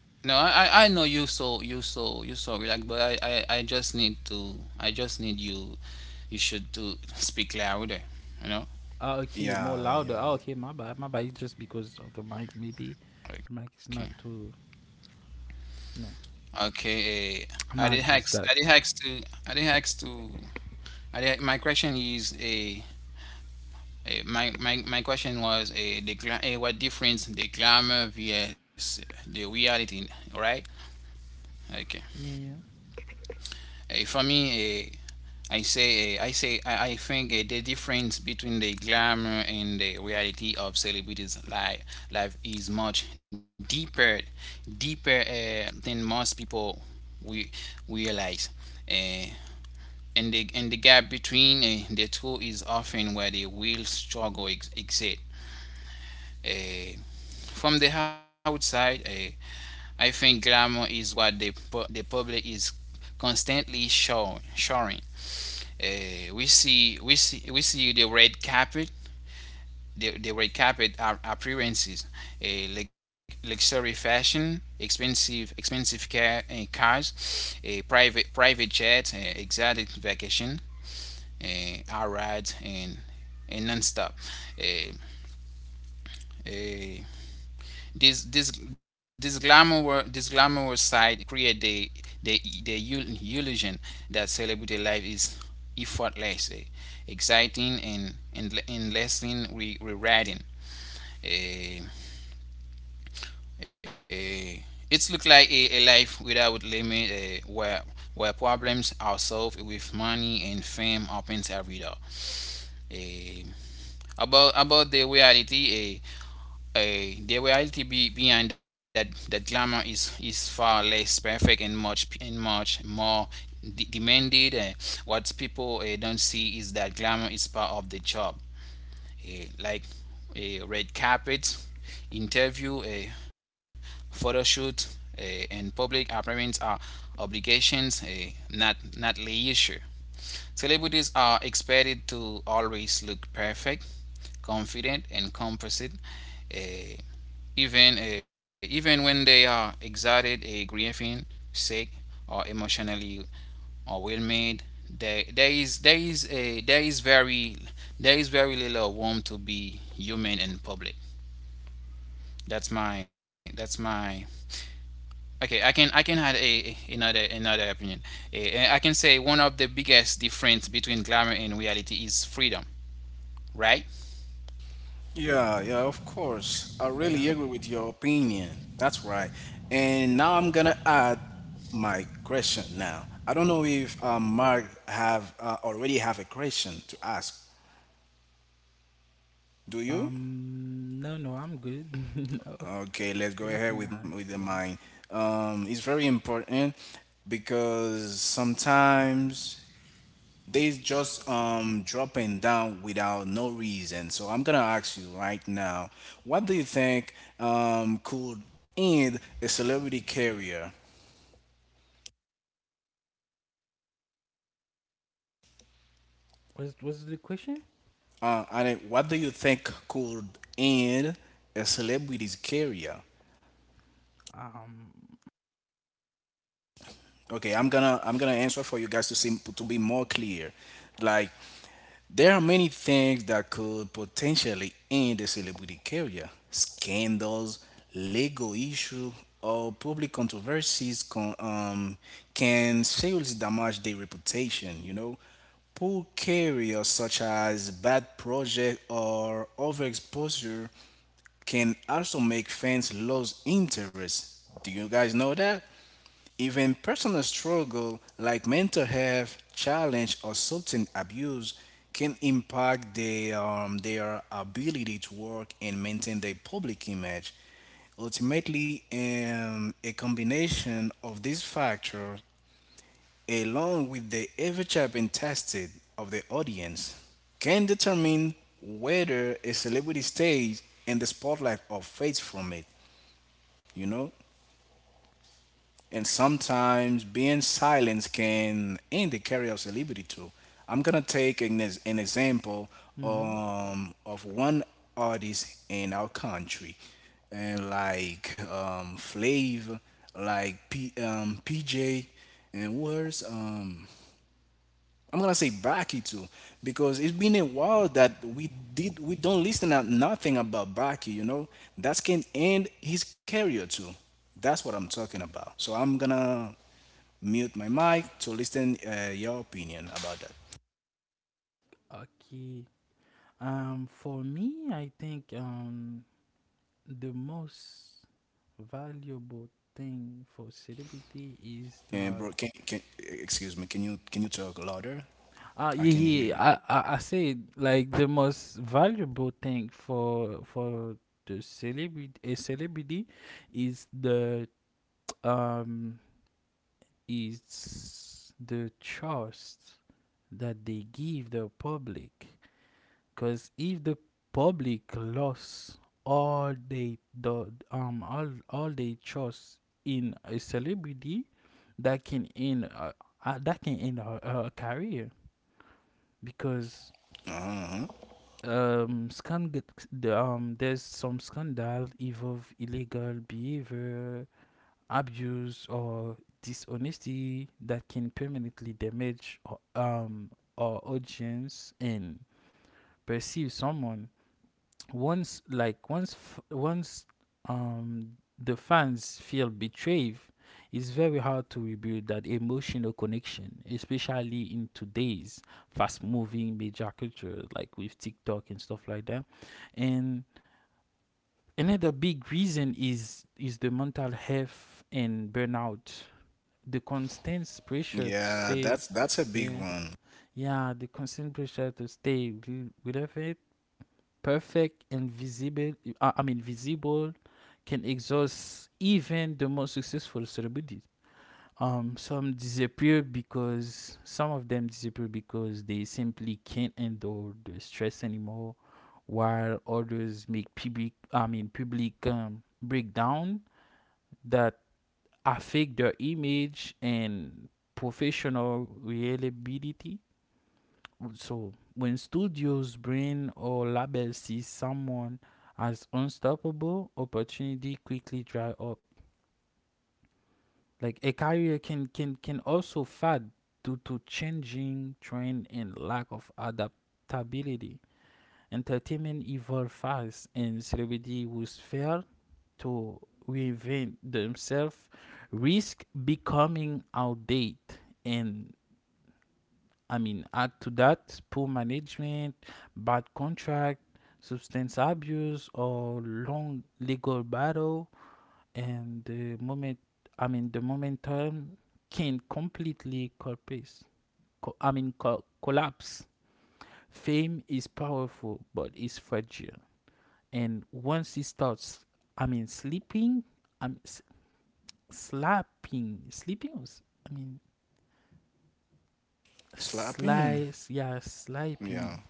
S3: No, I, I I know you, so you so you so relaxed, but I, I, I just need to, I just need you you should to speak louder, you know.
S2: Ah, okay, more
S1: Yeah,
S2: louder. Ah,
S1: yeah.
S2: okay, my bad, my bad. It's just because of the mic, maybe the mic
S3: Okay,
S2: is not too, you know.
S3: okay. Uh, I
S2: I'm
S3: did
S2: gonna
S3: hacks.
S2: adjust
S3: I did
S2: that.
S3: hacks to. I did hacks to. I did, my question is a. Uh, my, my, my question was, a, the gla- eh, what difference the glamour vs the reality, right? Okay.
S2: Yeah, yeah,
S3: Eh, for me, eh, I say, uh, I say, I, I think uh, the difference between the glamour and the reality of celebrities' life, life is much deeper deeper uh, than most people we realize. Uh, and the and the gap between uh, the two is often where the real struggle ex- exists. Uh, from the outside, uh, I think glamour is what the pu- the public is constantly showing, showing uh, we see we see we see the red carpet the, the red carpet a- appearances, a uh, luxury fashion, expensive expensive car, uh, cars, a uh, private private jets, uh, exotic vacation, uh, a ride and and nonstop. Uh, uh, this this this glamour this glamorous side create the the the ill- illusion that celebrity life is effortless, eh, exciting, and and enlisting re- rewriting. Eh, eh, it's look like a, a life without limit, eh, where where problems are solved with money and fame opens every door. Eh, about about the reality, eh, Uh, the reality be, behind that, that glamour is, is far less perfect and much and much more de- demanded. Uh, what people uh, don't see is that glamour is part of the job, uh, like a red carpet, interview, a photo shoot, uh, and public appearance are obligations, uh, not not leisure. Celebrities are expected to always look perfect, confident, and composite. Uh, even uh, even when they are excited, uh, grieving, sick, or emotionally overwhelmed, there there is there is a there is very there is very little room to be human in public. That's my that's my okay. I can I can add a, another another opinion. Uh, I can say one of the biggest difference between glamour and reality is freedom, right?
S1: Yeah, yeah, of course. I really
S2: yeah.
S1: agree with your opinion. That's right. And now I'm gonna add my question now. I don't know if uh, Mark have uh, already have a question to ask. Do you?
S2: Um, no, no, I'm good. No,
S1: Okay, let's go
S2: yeah, I
S1: ahead
S2: can
S1: with with
S2: ask.
S1: the
S2: Yeah.
S1: mind. Um, it's very important because sometimes they just um dropping down without no reason. So I'm gonna ask you right now, what do you think um could end a celebrity career?
S2: Was was the question?
S1: Uh, and it- what do you think could end a celebrity's career?
S2: Um.
S1: Okay, I'm gonna I'm gonna answer for you guys to see, to be more clear. Like, there are many things that could potentially end a celebrity career. Scandals, legal issues, or public controversies con- um, can seriously damage their reputation, you know. Poor careers such as bad project or overexposure can also make fans lose interest. Do you guys know that? Even personal struggle like mental health challenge or substance abuse can impact their, um, their ability to work and maintain their public image. Ultimately, um, a combination of these factors, along with the ever changing taste of the audience, can determine whether a celebrity stays in the spotlight or fades from it. You know, and sometimes being silent can end the career of celebrity too. I'm gonna take an, ex- an example
S2: Mm-hmm.
S1: um, of one artist in our country, and like um, Flav, like P, um, P J, and worse. Um, I'm gonna say Baki too, because it's been a while that we did we don't listen to nothing about Baki. You know that can end his career too. That's what I'm talking about. So I'm gonna mute my mic to listen uh, your opinion about that.
S2: Okay. Um, for me, I think um the most valuable thing for celebrity is
S1: And
S2: that.
S1: bro, can, can excuse me? Can you can you talk louder?
S2: Uh,
S1: I
S2: yeah,
S1: can hear
S2: yeah,
S1: you.
S2: I, I, I say like the most valuable thing for for the celebrity a celebrity is the um is the trust that they give the public. Cause if the public lost all they the um all all they trust in a celebrity, that can end uh, uh, that can end her, her career, because
S1: Uh huh.
S2: um scan the um there's some scandal involve illegal behavior, abuse, or dishonesty that can permanently damage uh, um our audience and perceive someone once like once f- once um the fans feel betrayed. It's very hard to rebuild that emotional connection, especially in today's fast moving media culture, like with TikTok and stuff like that. And another big reason is is the mental health and burnout, the constant pressure to
S1: Yeah,
S2: say
S1: that's that's a big
S2: yeah,
S1: one.
S2: yeah, the constant pressure to stay wi- with it perfect and visible, uh, I mean, visible, can exhaust even the most successful celebrities. Um, some disappear because some of them disappear because they simply can't endure the stress anymore, while others make public, I mean, public um, breakdown that affect their image and professional reliability. So when studios, brand, or labels see someone as unstoppable, opportunity quickly dry up. Like a career can can can also fade due to changing trend and lack of adaptability. Entertainment evolve fast, and celebrity was failed to reinvent themselves, risk becoming outdated and I mean, add to that poor management, bad contract, substance abuse, or long legal battle, and the moment I mean, the momentum can completely collapse. Co- I mean, co- collapse. Fame is powerful, but it's fragile, and once it starts, I mean, sleeping, I'm s- slapping, sleeping. I mean,
S1: Slapping.
S2: slice, yeah,
S1: Yeah.
S2: sleeping,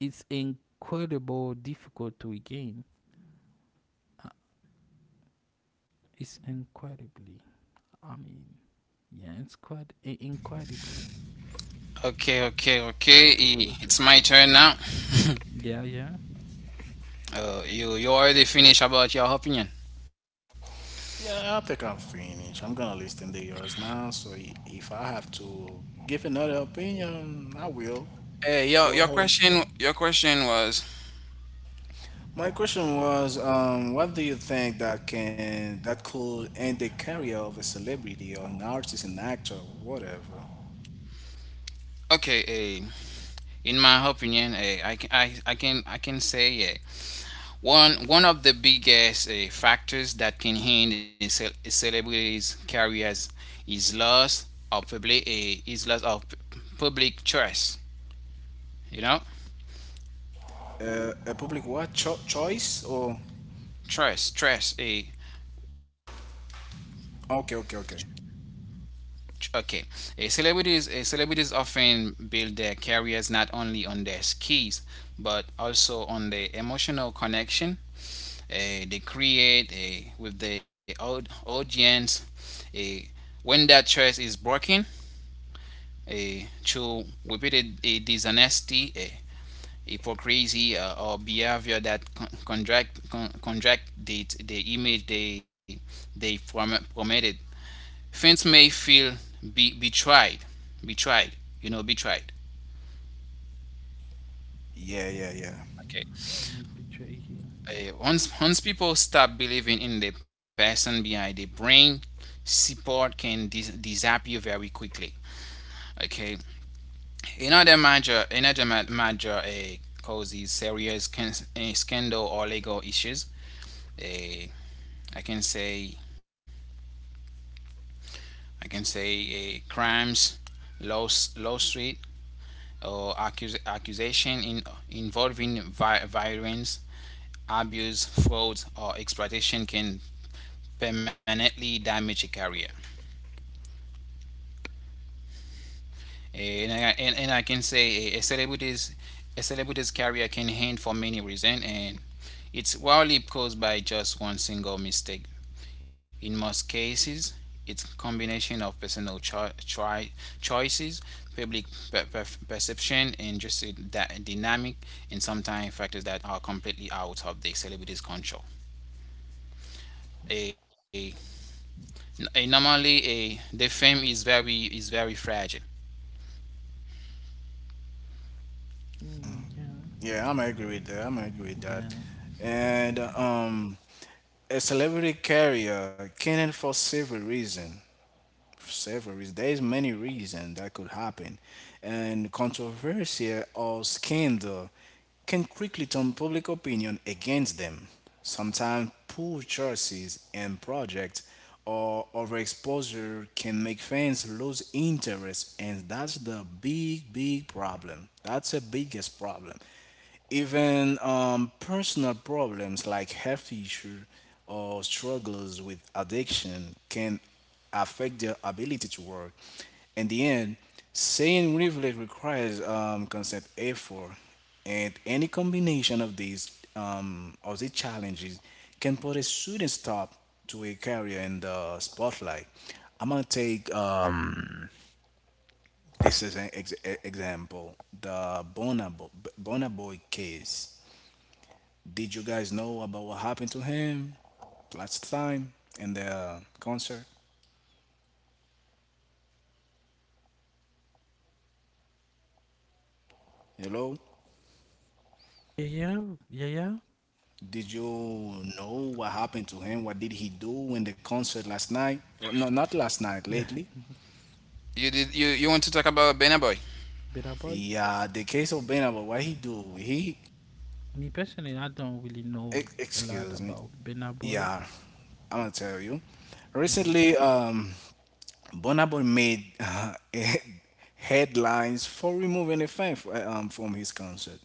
S2: it's incredibly difficult to regain. It's incredibly, I mean, yeah, it's quite i- incredibly
S3: Okay, okay, okay. i-
S2: difficult to
S3: It's my
S2: regain.
S3: turn now.
S2: Yeah, yeah.
S3: Uh, you you already finished about your opinion.
S1: Yeah, I think I'm finished. I'm gonna listen to yours now. So i- if I have to give another opinion, I will.
S3: Hey, your
S1: Go
S3: your
S1: ahead.
S3: question your question was
S1: My question was, um, what do you think that can that could end the career of a celebrity or an artist, an actor, whatever?
S3: okay. Eh, in my opinion, eh, I can I, I can I can say yeah. One one of the biggest eh, factors that can hinder a, ce- a celebrity's careers is loss of public eh, is loss of p- public trust. You know,
S1: Uh, a public what cho- choice or?
S3: trust, trust. A
S1: Okay, okay, okay.
S3: okay, a celebrities a celebrities often build their careers not only on their skills but also on their emotional connection uh, they create a with the audience. A when that trust is broken a through repeated a dishonesty, a hypocrisy, uh, or behavior that con- contract con- contract the, the image they they prom- promoted, fans may feel be betrayed betrayed you know betrayed.
S1: Yeah, yeah, yeah.
S3: Okay.
S2: No picture here.
S3: Uh, once once people stop believing in the person behind the brain, support can dis- disappear very quickly. Okay, another major another ma- major uh, cause is serious can- uh, scandal or legal issues. Uh, I can say I can say uh, Crimes, laws lawsuit or accus- accusation in involving vi- violence, abuse, fraud or exploitation can permanently damage a career. Eh, and I and, and I can say a, celebrity's a celebrity's career can end for many reasons, and it's rarely caused by just one single mistake. In most cases, it's combination of personal cho- choi- choices, public per- per- perception, and just a dy- dynamic, and sometimes factors that are completely out of the celebrity's control. A, a normally a The fame is very is very fragile.
S2: Mm, yeah,
S1: Yeah, I'm agree with that. I'm agree with that.
S2: yeah,
S1: And um, a celebrity career can end for several reasons. Several reasons. There's many reasons that could happen, and controversy or scandal can quickly turn public opinion against them. Sometimes poor choices and projects or overexposure can make fans lose interest, and that's the big, big problem. That's the biggest problem. Even um, personal problems like health issues or struggles with addiction can affect their ability to work. In the end, saying privilege requires um, constant effort, and any combination of these um, of these challenges can put a student stop to a career in the spotlight. I'm gonna take um, this as an ex- e- example, the Bonabo Bonaboy case. Did you guys know about what happened to him last time in the concert? Hello.
S2: yeah, yeah, yeah, yeah.
S1: Did you know what happened to him? What did he do in the concert last night? Oh, no, not last night, lately.
S3: You did you, you want to talk about Benaboy?
S2: Better boy.
S1: Yeah, the case of Benabo, what he do? He,
S2: Me personally, I don't really know
S1: ex-
S2: a lot
S1: excuse me.
S2: about Burna boy.
S1: Yeah, I'm gonna tell you. Recently, um, Bonabo made uh, headlines for removing a fan f- um, from his concert.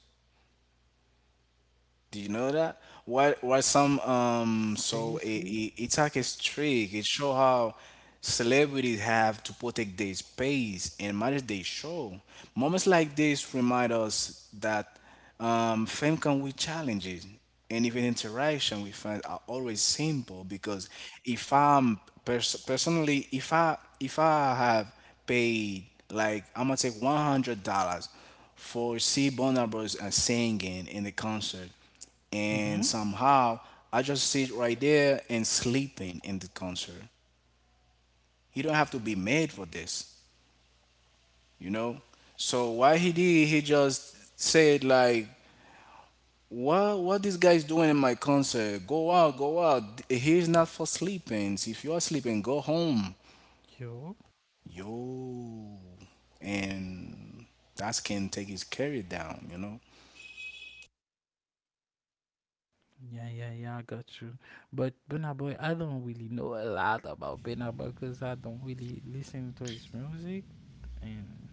S1: Do you know that? Why why some um so it,
S2: Seriously?
S1: it, it's like a trick. It show how celebrities have to protect their space and manage their show. Moments like this remind us that um fame comes with challenges, and even interaction with fans are always simple, because if I'm pers- personally, if I if I have paid, like I'm gonna take one hundred dollars for see Bonabros and singing in the concert,
S2: Mm-hmm.
S1: and somehow I just sit right there and sleeping in the concert. He don't have to be made for this, you know. So what he did, he just said like, "What what this guy's doing in my concert? Go out, go out. He's not for sleeping. If you are sleeping, go home,
S2: Yo.
S1: yo." And that can take his career down, you know.
S2: Yeah, yeah, yeah, I got you. But Burna Boy, I don't really know a lot about Burna Boy because I don't really listen to his music, and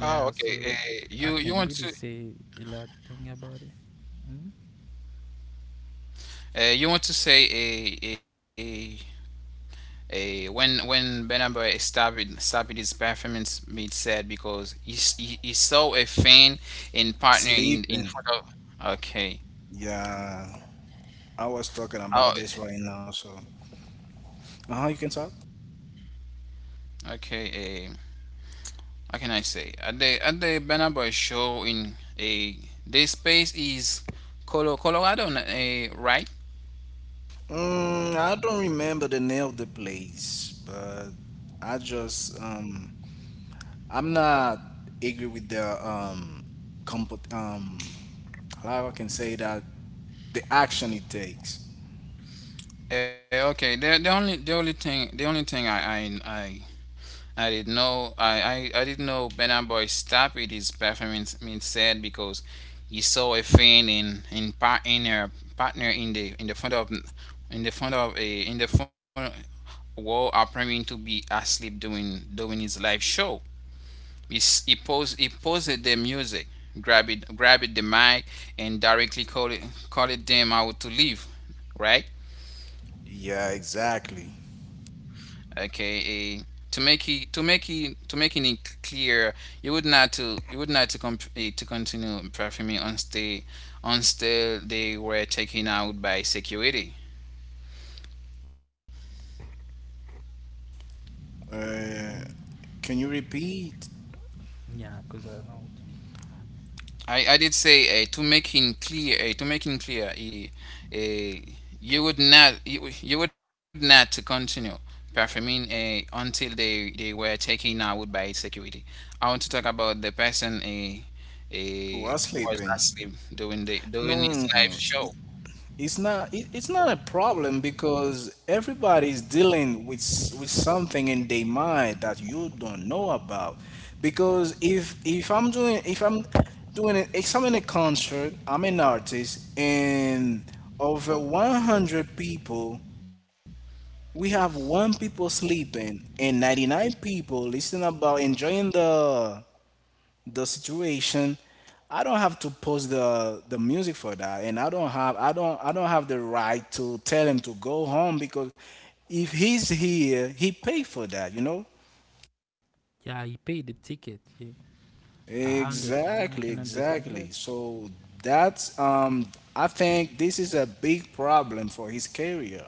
S3: Oh, okay.
S2: so
S3: Uh,
S2: I
S3: you you
S2: can't
S3: want
S2: really
S3: to
S2: say a lot thing about it. Mm-hmm.
S3: uh, you want to say a a a when when Benaber started started his performance made sad because he, s- he he saw a fan and partner in in
S1: Sleeping,
S3: front of. Okay.
S1: yeah. I was talking about
S3: Oh,
S1: this right now, so uh huh. You can talk.
S3: okay. Uh, how can I say? At the at the Benaber show in a this space is Colo Colorado, uh, right?
S1: Mm, I don't remember the name of the place, but I just um I'm not agree with the um compot um how I can say that, the action it takes.
S3: Uh, okay. The the only the only thing the only thing I I, I I didn't know. I, I, I didn't know Burna Boy stopped with his performance. I said because he saw a fan in in par in her partner in the in the front of in the front of a in the front wall appearing to be asleep doing doing his live show. He s- he posed he posed the music, grabbed it grabbed the mic, and directly called it called it them out to leave, right?
S1: Yeah, exactly.
S3: okay a to make it to make it to making it clear you would not to you would not to comp- eh, to continue performing on stay until they were taken out by security.
S1: Uh, can you repeat?
S2: Yeah, because I don't really.
S3: I, I did say, uh, to making clear uh, to making clear, uh, uh, you would not you, you would not to continue performing uh, until they they were taken out by security. I want to talk about the person uh,
S1: Oh,
S3: uh,
S1: was
S3: was
S1: sleeping.
S3: asleep during the during his
S1: No,
S3: live show.
S1: It's not it, it's not a problem because everybody's dealing with s- with something in their mind that you don't know about. Because if if I'm doing, if I'm doing it, if I'm in a concert, I'm an artist, and over one hundred people, we have one people sleeping and ninety-nine people listening about enjoying the the situation. I don't have to post the the music for that, and I don't have i don't i don't have the right to tell him to go home because if he's here he paid for that, you know.
S2: Yeah, he paid the ticket. Yeah, I I understand. I
S1: Exactly,
S2: can understand
S1: exactly.
S2: that.
S1: So that's um I think this is a big problem for his career.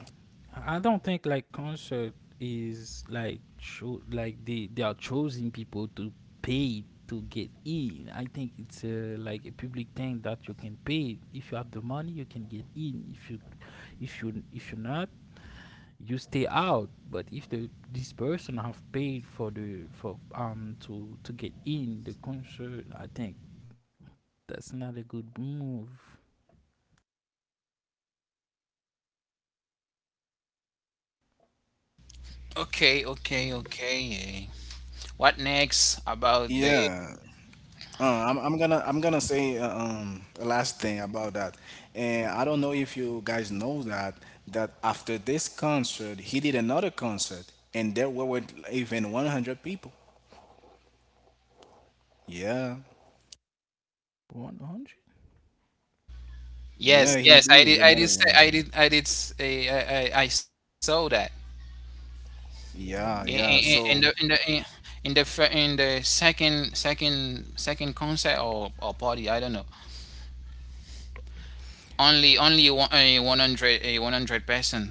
S2: I don't think like concert is like cho- like they they are choosing people to pay to get in. I think it's uh, like a public thing that you can pay. If you have the money, you can get in. If you if you if you're not, you stay out. But if the this person have paid for the for um to to get in the concert, I think that's not a good move.
S3: Okay, okay, okay. Uh, what next about the?
S1: Yeah. Uh, I'm, I'm gonna I'm gonna say uh, um a last thing about that, and I don't know if you guys know that that after this concert he did another concert and there were with even one hundred people. Yeah,
S2: One hundred.
S1: yeah,
S3: Yes,
S1: he
S3: yes. I
S1: did
S3: did. I did
S1: another
S3: say.
S1: one.
S3: I did. I did. S- eh, I, I, I saw that. In,
S1: Yeah,
S3: in, in
S1: yeah.
S3: the in the
S1: So
S3: in, in the fir- in the second second second concert or, or party I don't know, only only one, a one hundred a one hundred person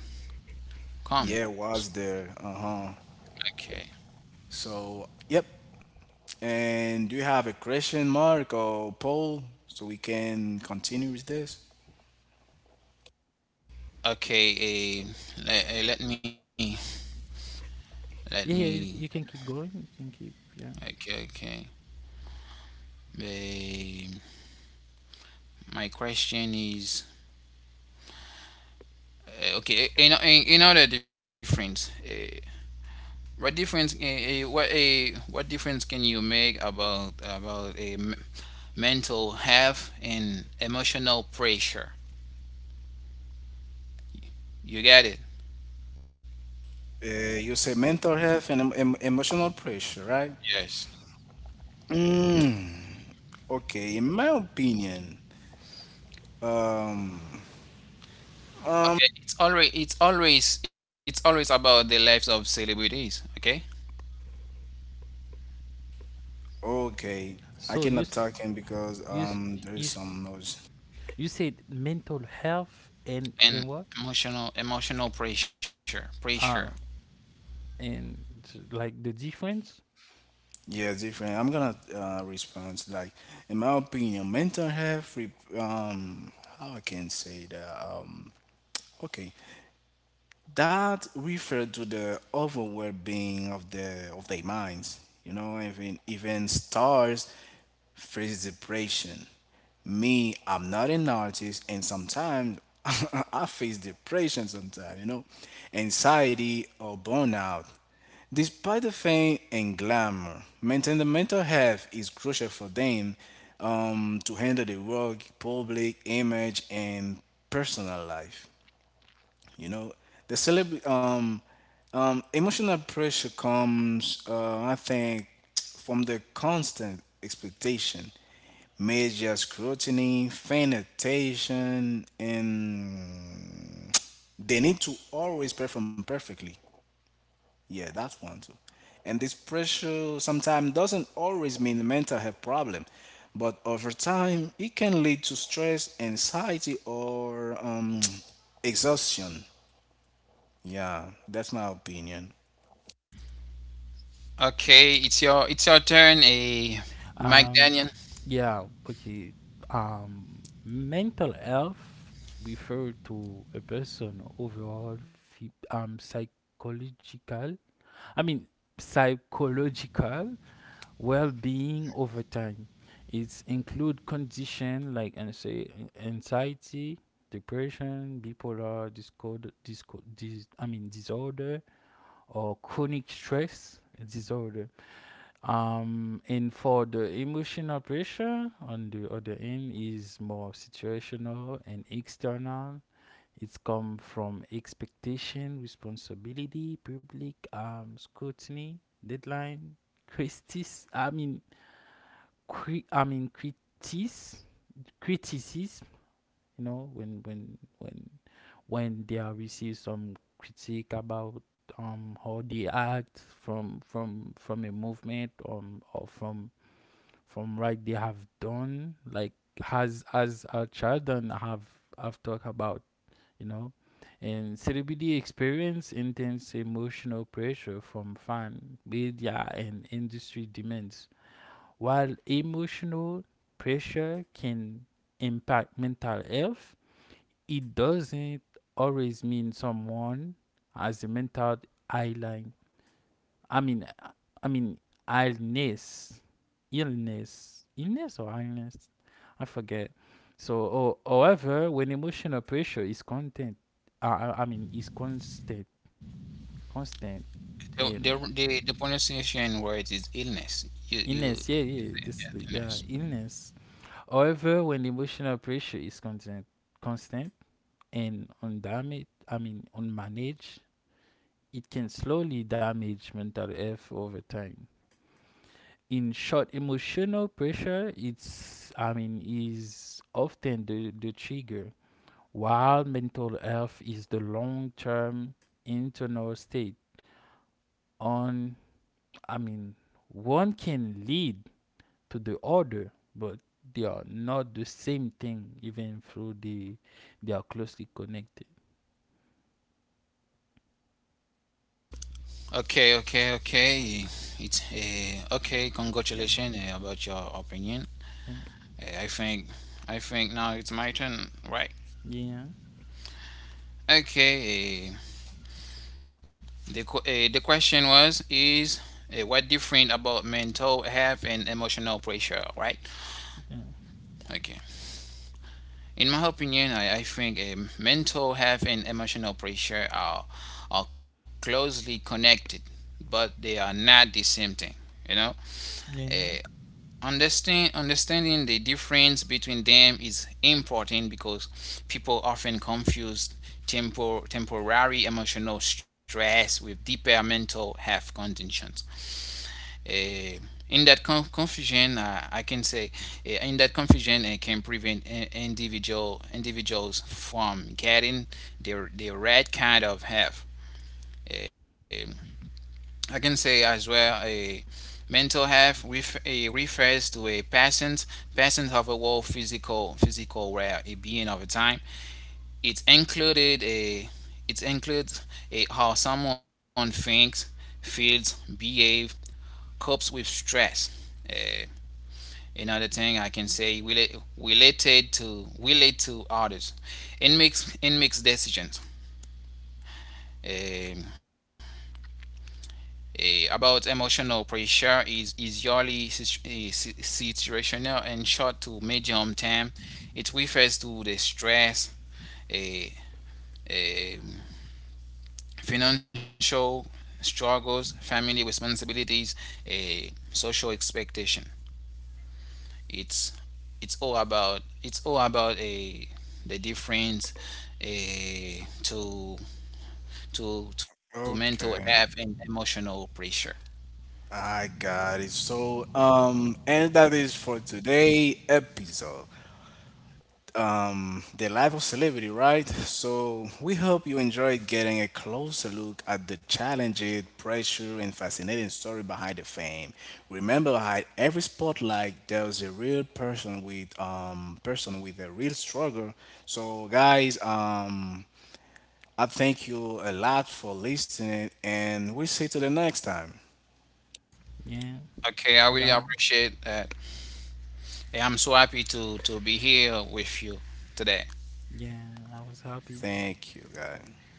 S1: yeah,
S3: comes.
S1: was there. Uh huh.
S3: okay
S1: So yep. And do you have a question mark or poll so we can continue with this?
S3: okay a let, eh, let me let
S2: Yeah,
S3: me
S2: yeah, you, c- you can keep going. You can keep, yeah.
S3: okay okay Eh, my question is. Eh, okay you know you know the difference, uh, What difference? eh, eh, what a what difference can you make about about a m- mental health and emotional pressure? You get it.
S1: Uh, you say mental health and em- em- emotional pressure, right?
S3: Yes.
S1: Mm, okay, in my opinion,
S3: Okay, it's always it's always it's always about the lives of celebrities. Okay,
S1: okay, I
S2: So you
S1: cannot
S2: s-
S1: talk in because
S2: you s-
S1: um there is
S2: you s-
S1: some noise.
S2: You said mental health and
S3: and
S2: and what?
S3: emotional emotional pressure pressure.
S2: Uh, and like the difference.
S1: Yeah, different. I'm gonna uh, respond like, in my opinion, mental health. Re- um, how I can say that? Um, okay, that refer to the overall being of the of their minds. You know, even even stars face depression. Me, I'm not an artist, and sometimes I face depression. Sometimes, you know, anxiety or burnout. Despite the fame and glamour, maintaining the mental health is crucial for them um, to handle the work, public image, and personal life. You know, the celeb um, um, emotional pressure comes, uh, I think, from the constant expectation, major scrutiny, fan attention, and they need to always perform perfectly. Yeah, that's one too. And this pressure sometimes doesn't always mean mental health problem, but over time it can lead to stress, anxiety, or um, exhaustion. Yeah, that's my opinion.
S3: Okay, it's your it's your turn. A Mike
S2: Um,
S3: Daniel.
S2: yeah. Okay. Um, mental health refer to a person overall phy- um psychological. I mean, psychological well-being over time. It's include condition like anxie- anxiety, depression, bipolar discord, discord, dis- I mean disorder, or chronic stress disorder. Um, and for the emotional pressure on the other end is more situational and external. It's come from expectation, responsibility, public um, scrutiny, deadline, critics. I mean, cri- I mean critics, criticism. you know when when when when they are receive some critique about um how they act, from from from a movement, um or from from right they have done, like has as a child and have have talked about you know and C D B D experience intense emotional pressure from fan media and industry demands, while emotional pressure can impact mental health. It doesn't always mean someone has a mental island. I mean, I mean illness, illness, illness or illness. I forget. So, or however, when emotional pressure is content, uh, I I mean, is constant, constant
S3: The the
S2: and
S3: the, the pronunciation word is illness. You you
S2: illness. Yeah,
S3: Yeah,
S2: yeah. This,
S3: illness.
S2: yeah, illness. However, when emotional pressure is constant, constant and undamaged, I mean, unmanaged, it can slowly damage mental health over time. In short, emotional pressure it's I mean, is often the, the trigger, while mental health is the long term internal state. On I mean, one can lead to the other, but they are not the same thing, even through the they are closely connected.
S3: Okay, okay, okay. It's uh, Okay.
S2: Yeah.
S3: Congratulations uh, about your opinion.
S2: Yeah.
S3: Uh, I think, I think now it's my turn, right?
S2: Yeah.
S3: Okay. Uh, the qu- uh, the question was is, uh, what different about mental health and emotional pressure, right?
S2: Yeah.
S3: Okay. In my opinion, I, I think um, mental health and emotional pressure are are closely connected, but they are not the same thing. You know,
S2: Yeah.
S3: uh, Understand, understanding the difference between them is important because people often confuse tempor- temporary emotional stress with deeper mental health conditions. Eh, in that con- confusion, uh, I can say, eh, in that confusion, it can prevent i- individual individuals from getting their the right kind of help. Eh, I can say as well. eh, Mental health ref- eh, refers to a person's a overall physical physical well being over time. It included a it includes a, how someone thinks, feels, behave, copes with stress. Eh, Another thing I can say relate, related to relate to others, and makes and makes decisions. Um, Eh, about emotional pressure is, is usually situ- eh, si- situational and short to medium term. It refers to the stress, eh, eh, financial struggles, family responsibilities, eh, social expectation. It's it's all about it's all about a the difference, eh, to to to mental
S1: Okay.
S3: health and emotional pressure.
S1: I got it. So, um, and that is for today episode. Um, the life of celebrity, right? So we hope you enjoyed getting a closer look at the challenges, pressure, and fascinating story behind the fame. Remember, behind every spotlight, there's a real person with um person with a real struggle. So, guys, um. I thank you a lot for listening, and we see you to the next time.
S2: Yeah.
S3: Okay, I really
S2: Bye.
S3: appreciate uh, yeah, I'm so happy to to be here with you today.
S2: Yeah, I was happy.
S1: Thank you, guys.